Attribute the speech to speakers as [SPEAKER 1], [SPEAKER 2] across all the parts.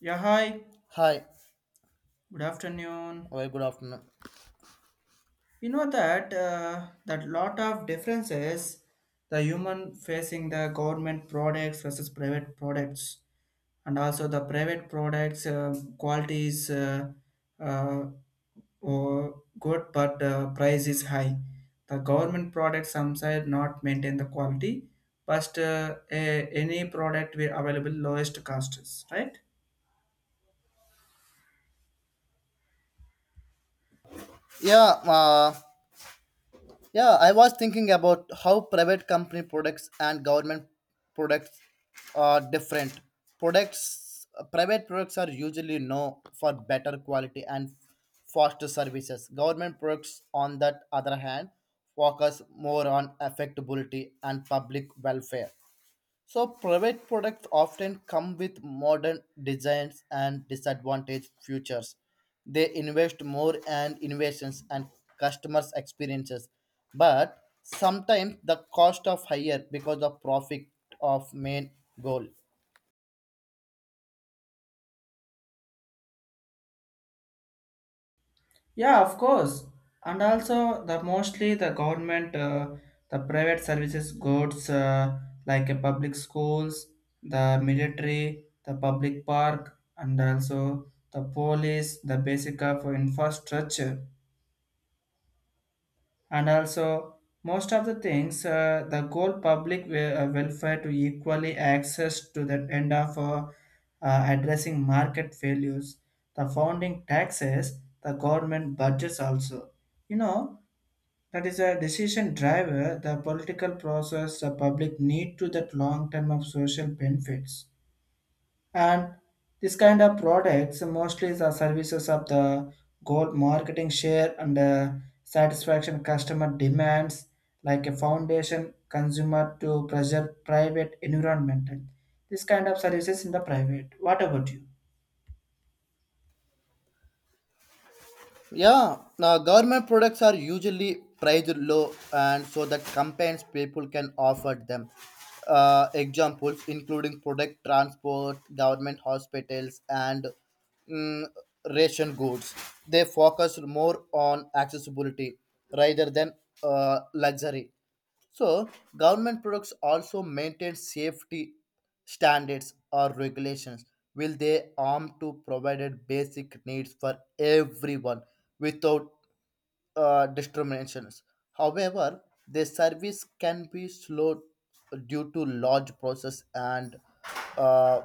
[SPEAKER 1] Yeah, hi.
[SPEAKER 2] Hi,
[SPEAKER 1] Good afternoon.
[SPEAKER 2] very good afternoon.
[SPEAKER 1] You know that that lot of differences the human facing the government products versus private products, and also the private products quality is uh, or good, but price is high. The government products sometimes not maintain the quality, but a, any product will available lowest costs, right?
[SPEAKER 2] Yeah, uh, yeah, I was thinking about how private company products and government products are different. Products, private products are usually known for better quality and faster services. Government products, on that other hand, focus more on affectability and public welfare. So private products often come with modern designs and disadvantaged features. They invest more in innovations and customers' experiences, but sometimes the cost of higher because the profit of main goal.
[SPEAKER 1] Yeah, of course. And also the mostly the government, the private services goods like public schools, the military, the public park, and also the police, the basic of infrastructure, and also most of the things the goal public welfare to equally access to the end of addressing market failures, the founding taxes, the government budgets also. You know that is a decision driver, the political process, the public need to that long term of social benefits. And this kind of products mostly the services of the gold marketing share and satisfaction customer demands like a foundation consumer to preserve private environment. This kind of services in the private. What about you?
[SPEAKER 2] Yeah, now government products are usually priced low, and so that campaigns people can offer them. Examples including product transport, government hospitals, and mm, ration goods. They focus more on accessibility rather than luxury. So, government products also maintain safety standards or regulations. Will they arm to provide basic needs for everyone without discriminations? However, the service can be slow due to large process and uh,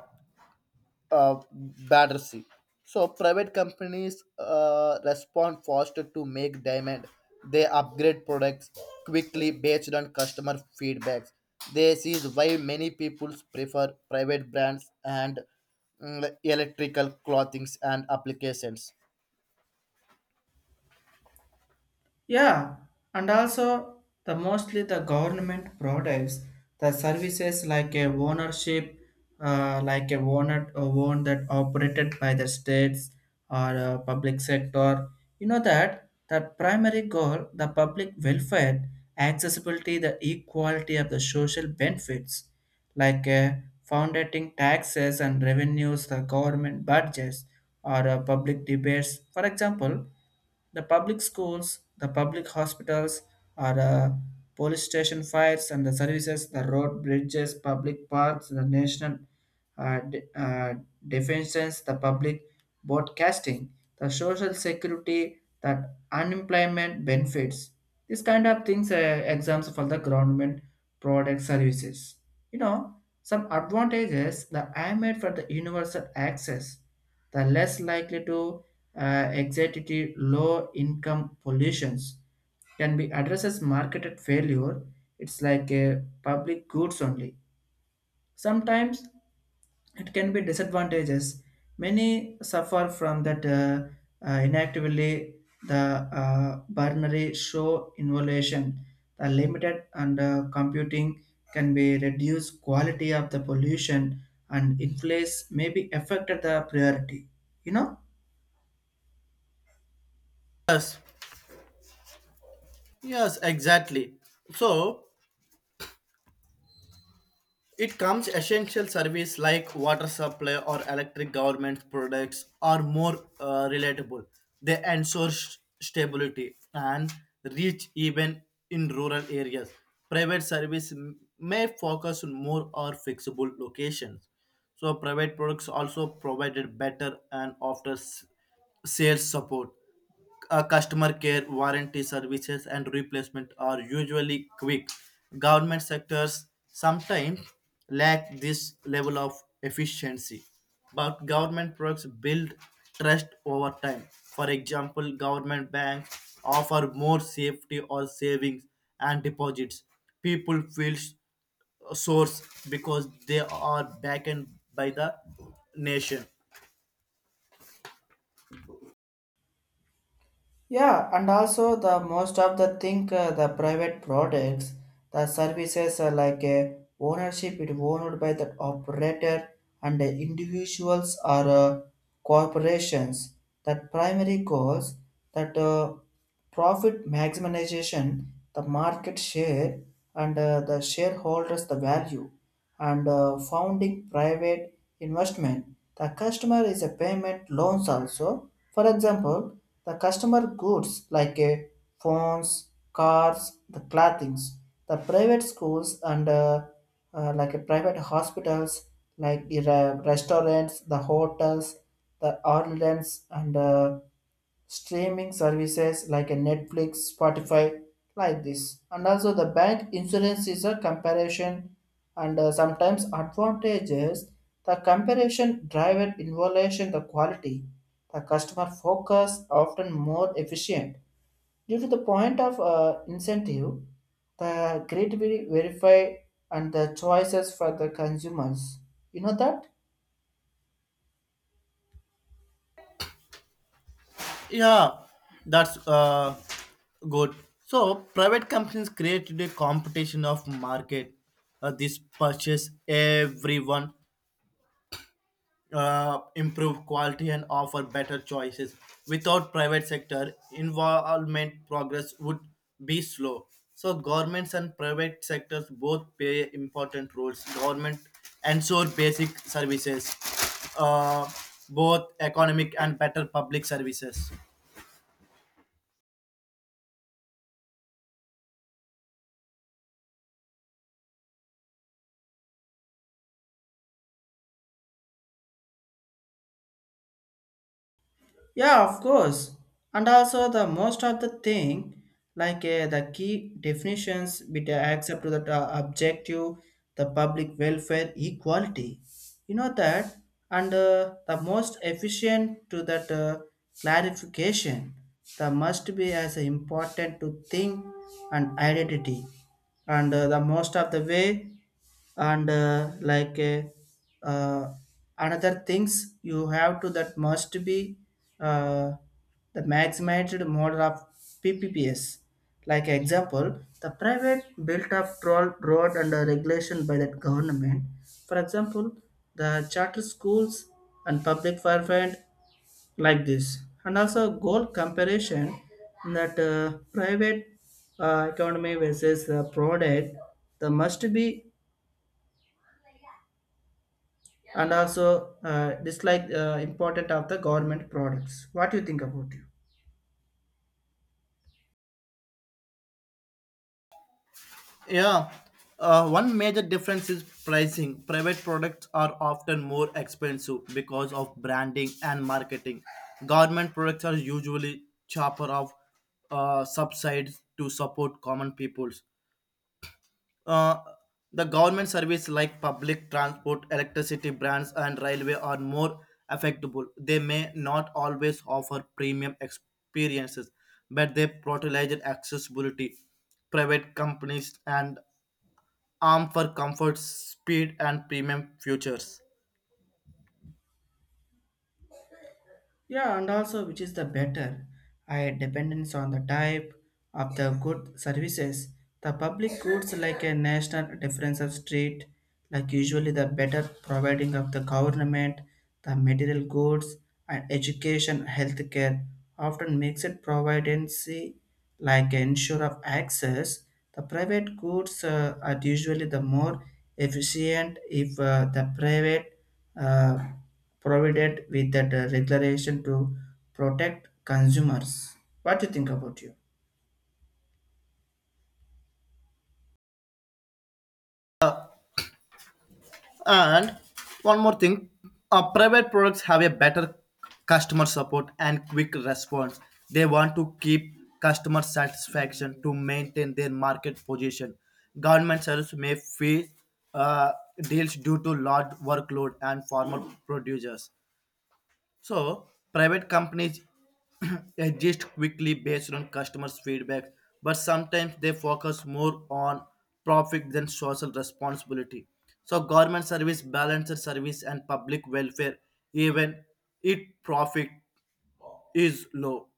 [SPEAKER 2] uh, battersea. So private companies respond faster to make demand. They upgrade products quickly based on customer feedbacks. This is why many people prefer private brands and electrical clothings and applications.
[SPEAKER 1] Yeah, and also the mostly the government products, the services like a ownership, like a owner a own that operated by the states or public sector. You know that the primary goal, the public welfare, accessibility, the equality of the social benefits, like foundating taxes and revenues, the government budgets or public debates. For example the public schools, the public hospitals, or police station fires and the services, the road bridges, public parks, the national uh, de- uh, defenses, the public broadcasting, the social security, that unemployment benefits. These kind of things are exams for the government product services. You know, some advantages the I made for the universal access the less likely to uh, anxiety low income pollutions can be addresses marketed failure, it's like a public goods only, sometimes it can be disadvantages, many suffer from that inactively the binary show involution, the limited and computing, can be reduced quality of the pollution, and inflates may be affected the priority, you know.
[SPEAKER 2] Yes, yes, exactly. So, it comes essential service like water supply or electric government products are more relatable. They ensure stability and reach even in rural areas. Private service may focus on more or fixable locations. So private products also provided better and often sales support, customer care, warranty services, and replacement are usually quick. Government sectors sometimes lack this level of efficiency, but government products build trust over time. For example, government banks offer more safety or savings and deposits. People feel source because they are backed by the nation.
[SPEAKER 1] Yeah, and also the most of the think the private products, the services are like a ownership it owned by the operator and the individuals or corporations. That primary goals that profit maximization, the market share and the shareholders the value and founding private investment. The customer is a payment loans also. For example, the customer goods like a phones, cars, the clothings, the private schools and like a private hospitals, like the restaurants, the hotels, the ordinance and streaming services like a Netflix, Spotify, like this. And also the bank insurance is a comparison and sometimes advantages. The comparison driver evaluation the quality, the customer focus often more efficient. Due to the point of incentive, the grid will verify and the choices for the consumers. You know that?
[SPEAKER 2] Yeah, that's good. So private companies created a competition of market. This purchase everyone improve quality and offer better choices. Without private sector involvement, progress would be slow. So governments and private sectors both play important roles. Government ensure basic services, uh, both economic and better public services.
[SPEAKER 1] Yeah, of course. And also the most of the thing, like the key definitions, with accept to that objective, the public welfare, equality. You know that, and the most efficient to that clarification, the must be as important to think and identity, and the most of the way and like uh, another things you have to that must be uh, the maximized model of PPPS. Like example, the private built up troll road under regulation by the government. For example, the charter schools and public fervent like this. And also goal comparison that private economy versus the product, the must be and also dislike important of the government products, what do you think about you?
[SPEAKER 2] Yeah. One major difference is pricing. Private products are often more expensive because of branding and marketing. Government products are usually cheaper of subsidies to support common peoples. Uh, the government service like public transport, electricity brands, and railway are more affectable. They may not always offer premium experiences, but they prioritize accessibility private companies and armed for comfort, speed, and premium futures.
[SPEAKER 1] Yeah, and also which is the better. I dependence on the type of the good services. The public goods like a national difference of street, like usually the better providing of the government, the material goods and education, healthcare often makes it providency like ensure of access. The private goods are usually the more efficient if the private uh, provided with that regulation to protect consumers. What do you think about you?
[SPEAKER 2] And one more thing, private products have a better customer support and quick response. They want to keep customer satisfaction to maintain their market position. Government service may face uh, deals due to large workload and former producers. So private companies adjust quickly based on customers' feedback, but sometimes they focus more on profit than social responsibility. So government service balances service and public welfare even if profit is low.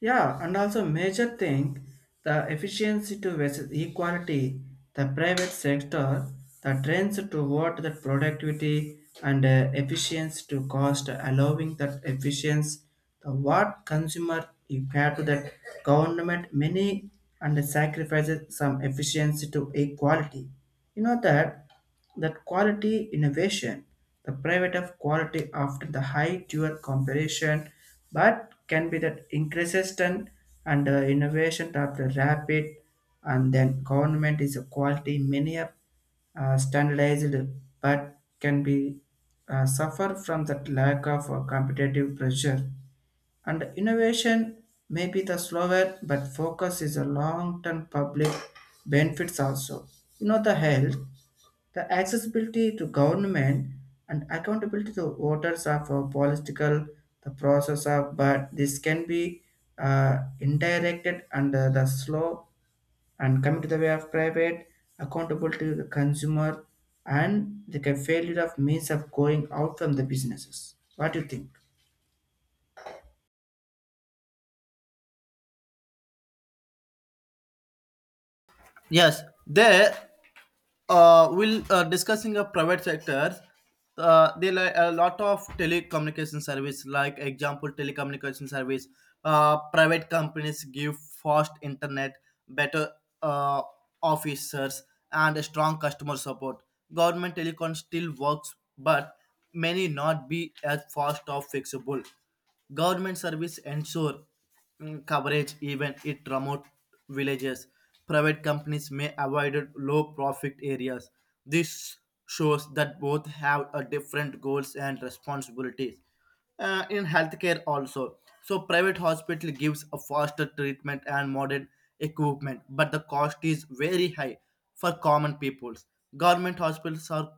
[SPEAKER 1] Yeah, and also major thing, the efficiency to versus equality, the private sector, the trends toward the productivity and efficiency to cost, allowing that efficiency, the what consumer you pay to that government many and sacrifices some efficiency to equality. You know that that quality innovation, the private of quality after the high dual comparison, but can be that increases and and innovation after rapid, and then government is a quality many of standardized, but can be suffer from that lack of competitive pressure and innovation may be the slower, but focus is a long-term public benefits also. You know the health, the accessibility to government and accountability to voters of a political the process of, but this can be indirected under the slow and coming to the way of private accountability to the consumer and the failure of means of going out from the businesses, what do you think?
[SPEAKER 2] Yes, they will Discussing a private sector. They like a lot of telecommunication service, like example telecommunication service. Private companies give fast internet, better uh, officers, and a strong customer support. Government telecom still works, but many not be as fast or fixable. Government service ensure coverage even in remote villages. Private companies may avoid low profit areas. This shows that both have a different goals and responsibilities. In healthcare also. So private hospital gives a faster treatment and modern equipment, but the cost is very high for common peoples. Government hospitals are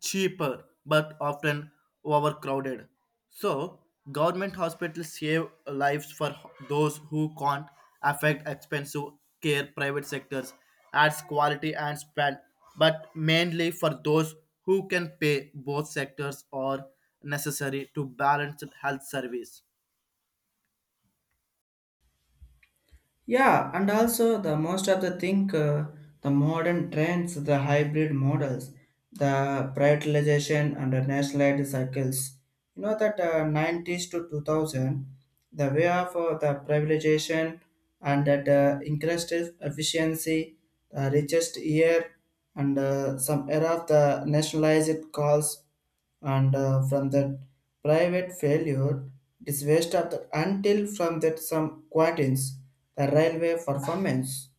[SPEAKER 2] cheaper but often overcrowded. So, government hospitals save lives for those who can't afford expensive care. Private sectors adds quality and span, but mainly for those who can pay. Both sectors are necessary to balance health service.
[SPEAKER 1] Yeah, and also the most of the think the modern trends, the hybrid models, the privatization and the nationalized cycles. You know that nineties to 2000, the way of the privatization and that increased efficiency, the richest year and some era of the nationalized calls and from that private failure, it is waste of the until from that some quarters the railway performance.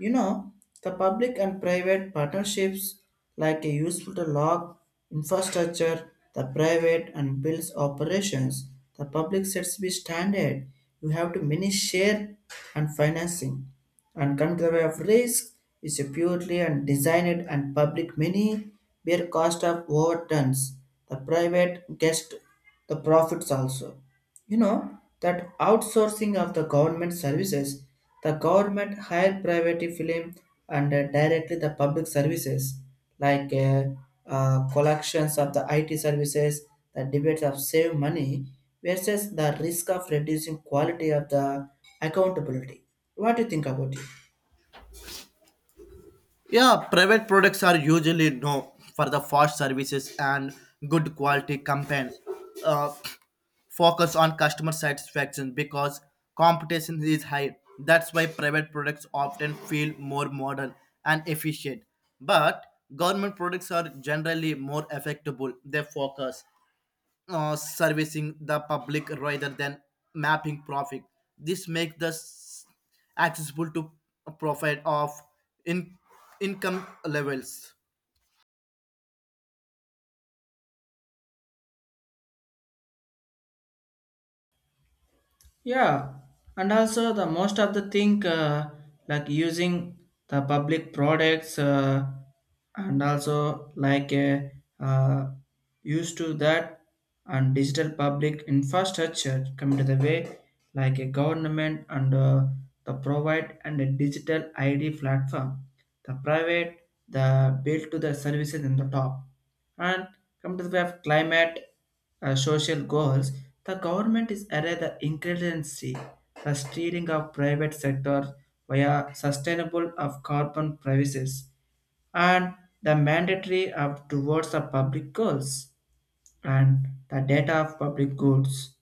[SPEAKER 1] You know, the public and private partnerships like a useful to log infrastructure, the private and builds operations, the public sets be standard. You have to mini share and financing. And control of risk is a purely and designed and public mini bear cost of overturns. The private gets the profits also. You know that outsourcing of the government services, the government hire private film and directly the public services like collections of the IT services, the debates of save money versus the risk of reducing quality of the accountability. What do you think about it?
[SPEAKER 2] Yeah, private products are usually known for the fast services and good quality campaigns. Uh, Focus on customer satisfaction because competition is high. That's why private products often feel more modern and efficient. But government products are generally more affectable. They focus servicing the public rather than mapping profit. This makes the accessible to profit of in income levels.
[SPEAKER 1] Yeah, and also the most of the thing like using the public products and also like uh, used to that and digital public infrastructure come to the way like a government and the provide and a digital ID platform, the private, the build to the services in the top, and come to the way of climate social goals, the government is array the increasingly the steering of private sector via sustainable of carbon prices and the mandatory of towards the public goals and the data of public goods.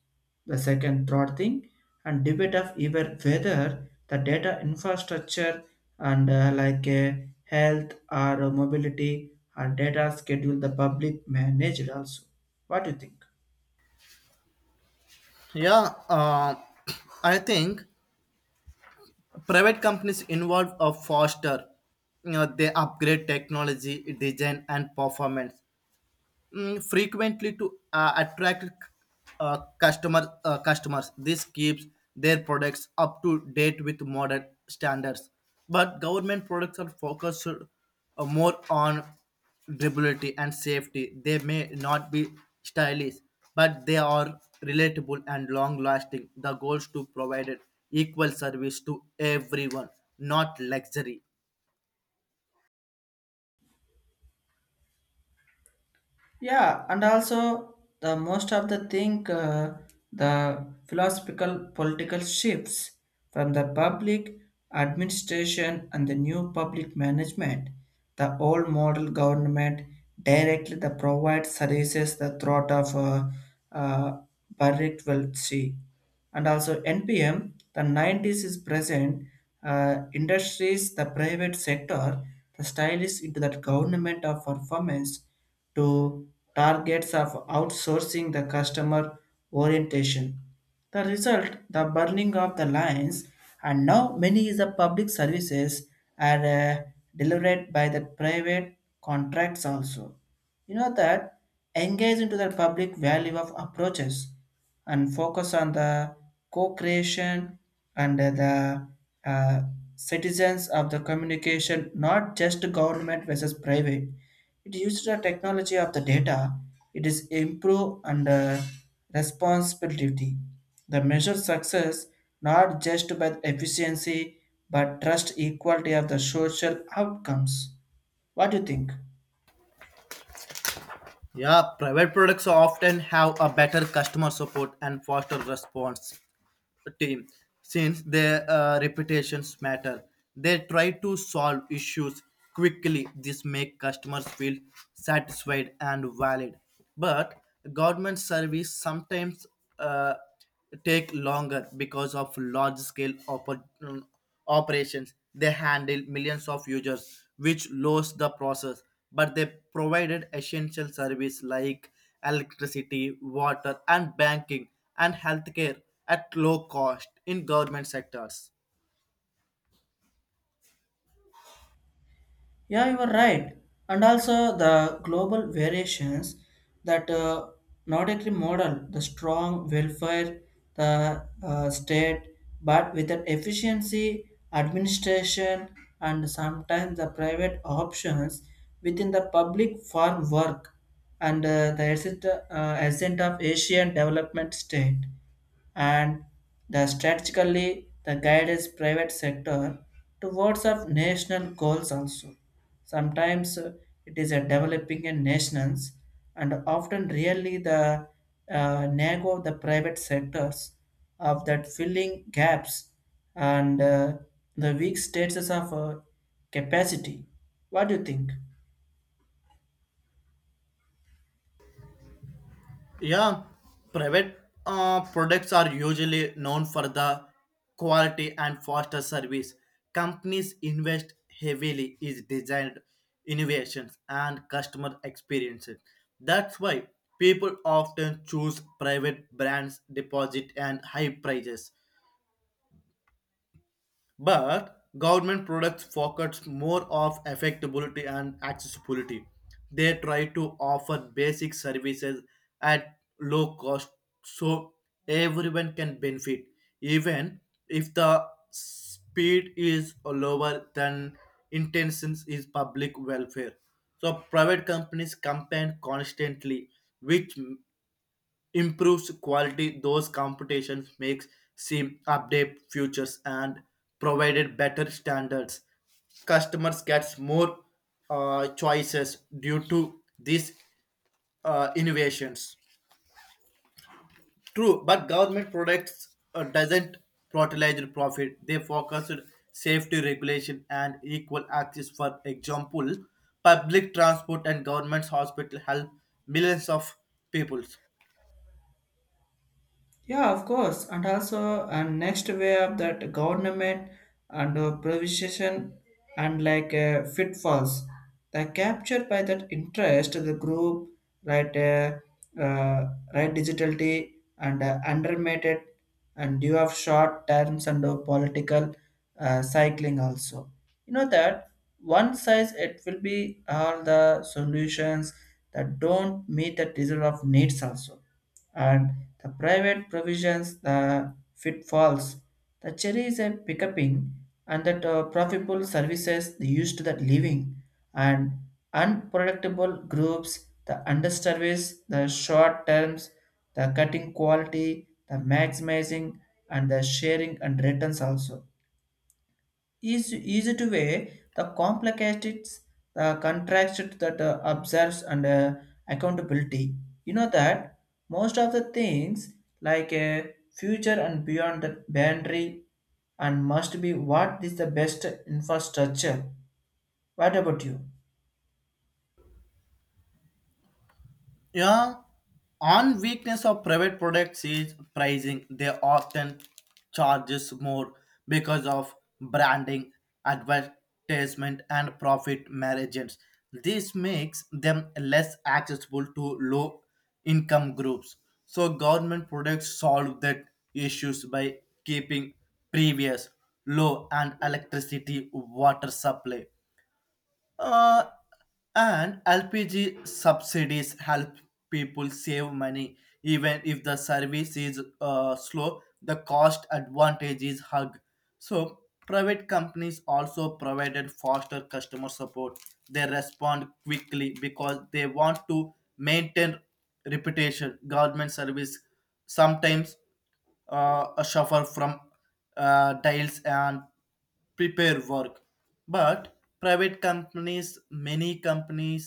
[SPEAKER 1] The second, third thing, and debate of either whether the data infrastructure and like health or mobility or data schedule the public managed also. What do you think?
[SPEAKER 2] Yeah, I think private companies involved are faster. You know, they upgrade technology, design, and performance. Frequently to attract customers. This keeps their products up to date with modern standards. But government products are focused more on durability and safety. They may not be stylish, but they are relatable and long-lasting. The goal is to provide equal service to everyone, not luxury.
[SPEAKER 1] Yeah, and also the most of the thing the philosophical political shifts from the public administration and the new public management. The old model government directly the provide services the throat of uh, Barrett will see and also NPM, the nineties is present, industries, the private sector, the stylish into that government of performance to targets of outsourcing the customer orientation. The result, the burning of the lines, and now many is the public services are delivered by the private contracts also. You know that engage into the public value of approaches and focus on the co-creation and the uh, citizens of the communication, not just government versus private. It uses the technology of the data. It is improve and responsibility. The measure success not just by efficiency but trust equality of the social outcomes. What do you think?
[SPEAKER 2] Yeah, private products often have a better customer support and faster response team, since their reputations matter, they try to solve issues quickly. This make customers feel satisfied and valid, but government service sometimes uh, take longer because of large scale opportunities operations. They handled millions of users which lowers the process, but they provided essential service like electricity, water, and banking, and healthcare at low cost in government sectors.
[SPEAKER 1] Yeah, you are right. And also the global variations that Nordic model, the strong welfare, the state, but with an efficiency, administration, and sometimes the private options within the public farm work and the asset, ascent of Asian development state and the strategically the guidance private sector towards of national goals also. Sometimes it is a developing and nations, and often really the nag of the private sectors of that filling gaps and the weak status of capacity. What do you think?
[SPEAKER 2] Yeah, private products are usually known for the quality and faster service. Companies invest heavily in design innovations and customer experiences. That's why people often choose private brands, deposit, and high prices, but government products focus more of affordability and accessibility. They try to offer basic services at low cost, so everyone can benefit even if the speed is lower than intentions is public welfare. So private companies compete constantly, which improves quality. Those competitions makes seem update futures and provided better standards. Customers gets more choices due to these innovations, true, but government products doesn't prioritize profit. They focus on safety regulation and equal access. For example, public transport and government's hospital help millions of people.
[SPEAKER 1] Yeah, of course. And also, and next way of that government and provision and like pitfalls, they captured by that interest of the group, right, uh, right, digitality and undermated and due of short terms and political cycling also. You know that one size it will be all the solutions that don't meet the desire of needs also, and the private provisions the pitfalls the cherry is a picking and that profitable services used to that living and unpredictable groups the underservice the short terms the cutting quality the maximizing and the sharing and returns also is easy to weigh the complicated the contract that observes and accountability, you know that most of the things like a future and beyond the boundary and must be what is the best infrastructure, what about you?
[SPEAKER 2] Yeah, on weakness of private products is pricing. They often charges more because of branding, advertisement, and profit margins. This makes them less accessible to low income groups. So government products solve that issues by keeping previous low, and electricity water supply uh, and LPG subsidies help people save money even if the service is slow. The cost advantage is hug. So private companies also provided faster customer support. They respond quickly because they want to maintain reputation. Government service sometimes suffer from delays and prepare work, but private companies, many companies,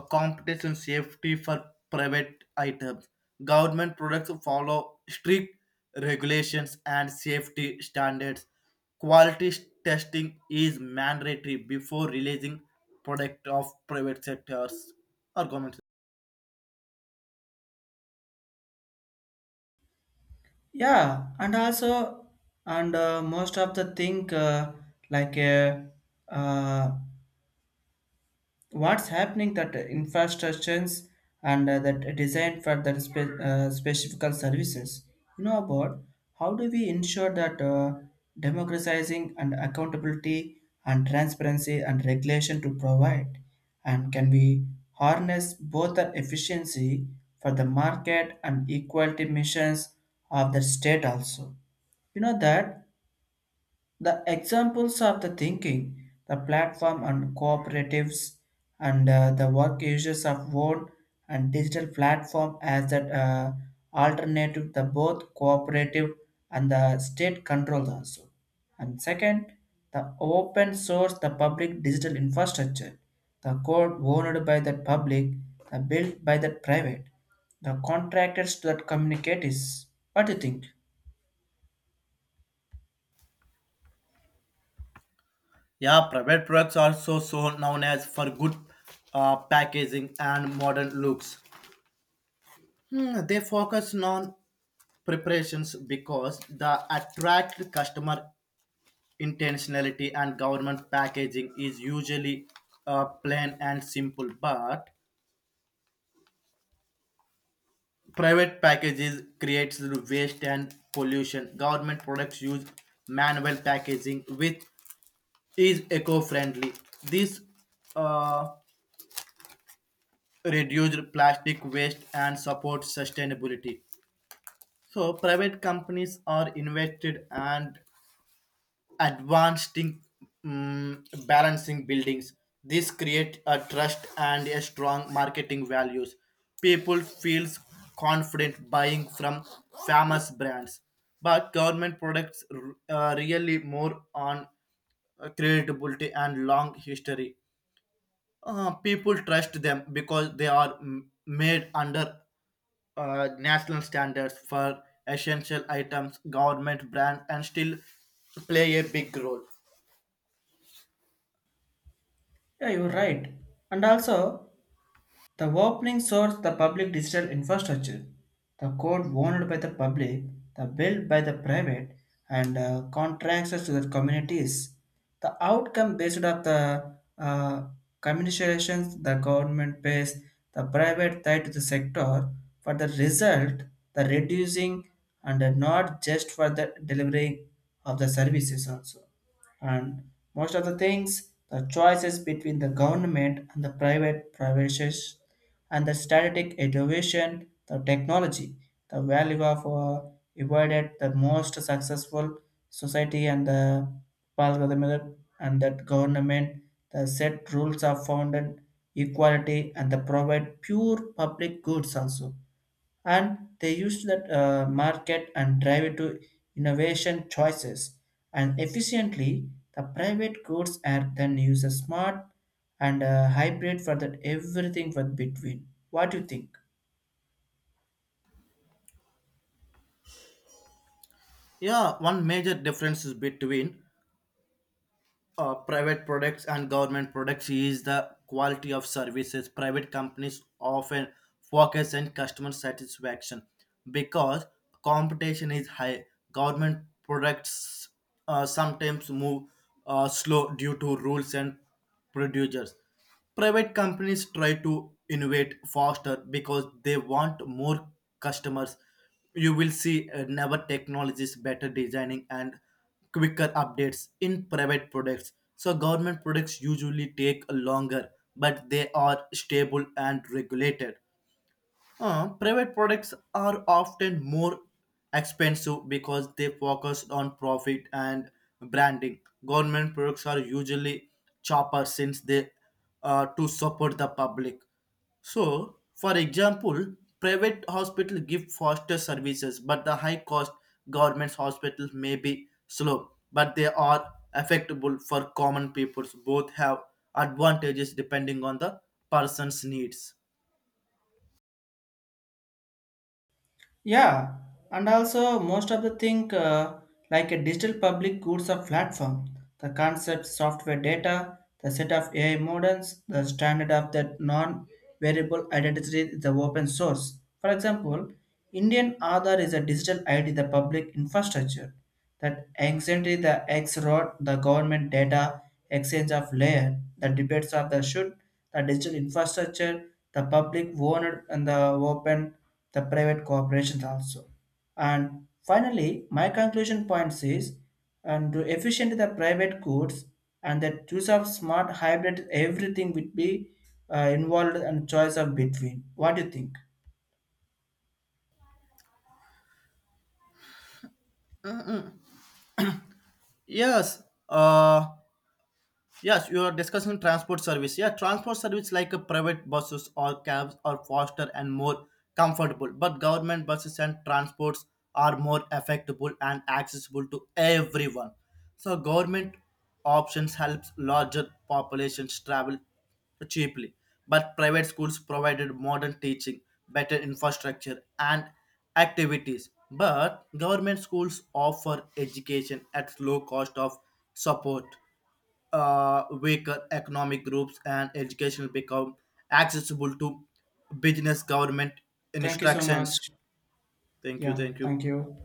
[SPEAKER 2] a competition safety for private items. Government products follow strict regulations and safety standards. Quality testing is mandatory before releasing product of private sectors or government.
[SPEAKER 1] Yeah, and also and most of the thing like uh, what's happening that infrastructures and that design for that specific services, you know about how do we ensure that democratizing and accountability and transparency and regulation to provide and can we harness both the efficiency for the market and equality missions of the state also. You know that the examples of the thinking, the platform and cooperatives, and the work users of one and digital platform as that alternative, the both cooperative and the state controlled also. And second, the open source, the public digital infrastructure, the code owned by the public, the built by the private, the contractors that communicate is. What do you think?
[SPEAKER 2] Yeah, private products are also so known as for good packaging and modern looks. Hmm, they focus on preparations because the attract customer intentionality, and government packaging is usually plain and simple, but private packages creates waste and pollution. Government products use manual packaging which is eco-friendly. This uh, reduces plastic waste and supports sustainability. So private companies are invested and advancing balancing buildings. This create a trust and a strong marketing values. People feels confident buying from famous brands, but government products really more on credibility and long history. People trust them because they are made under national standards for essential items. Government brand and still play a big role.
[SPEAKER 1] Yeah, you're right. And also, the opening source the public digital infrastructure, the code owned by the public, the built by the private, and contracts to the communities. The outcome based on the communications the government pays, the private tied to the sector for the result, the reducing and not just for the delivering of the services also, and most of the things the choices between the government and the private privations and the static innovation the technology the value of avoided the most successful society and the algorithm and that government the set rules are founded equality and the provide pure public goods also and they use that market and drive it to innovation choices and efficiently the private goods are then used a smart and hybrid for that everything for between, what do you think?
[SPEAKER 2] Yeah, one major difference is between private products and government products is the quality of services. Private companies often focus on customer satisfaction because competition is high. Government products sometimes move slow due to rules and producers. Private companies try to innovate faster because they want more customers. You will see never technologies, better designing, and quicker updates in private products. So government products usually take longer, but they are stable and regulated. Private products are often more expensive because they focus on profit and branding. Government products are usually cheaper since they to support the public. So, for example, private hospital give faster services, but the high cost government's hospitals may be slow, but they are affectable for common people. Both have advantages depending on the person's needs.
[SPEAKER 1] Yeah, and also most of the thing like a digital public goods or platform, the concept software data, the set of AI models, the standard of the non-variable identity is the open source. For example, Indian Aadhaar is a digital ID, the public infrastructure that anciently the X wrote the government data exchange of layer, the debates of the should, the digital infrastructure, the public owned and the open, the private corporations also. And finally, my conclusion points is and to efficiently the private goods and the use of smart hybrid everything would be involved and choice of between. What do you think?
[SPEAKER 2] Yes, uh, Yes, you are discussing transport service. Yeah, transport service like a private buses or cabs are faster and more comfortable, but government buses and transports are more affordable and accessible to everyone. So government options helps larger populations travel cheaply, but private schools provided modern teaching, better infrastructure, and activities. But government schools offer education at low cost of support weaker economic groups, and education become accessible to business government
[SPEAKER 1] Thank you so much.
[SPEAKER 2] instructions. Thank you,
[SPEAKER 1] Yeah,
[SPEAKER 2] thank you.
[SPEAKER 1] thank you.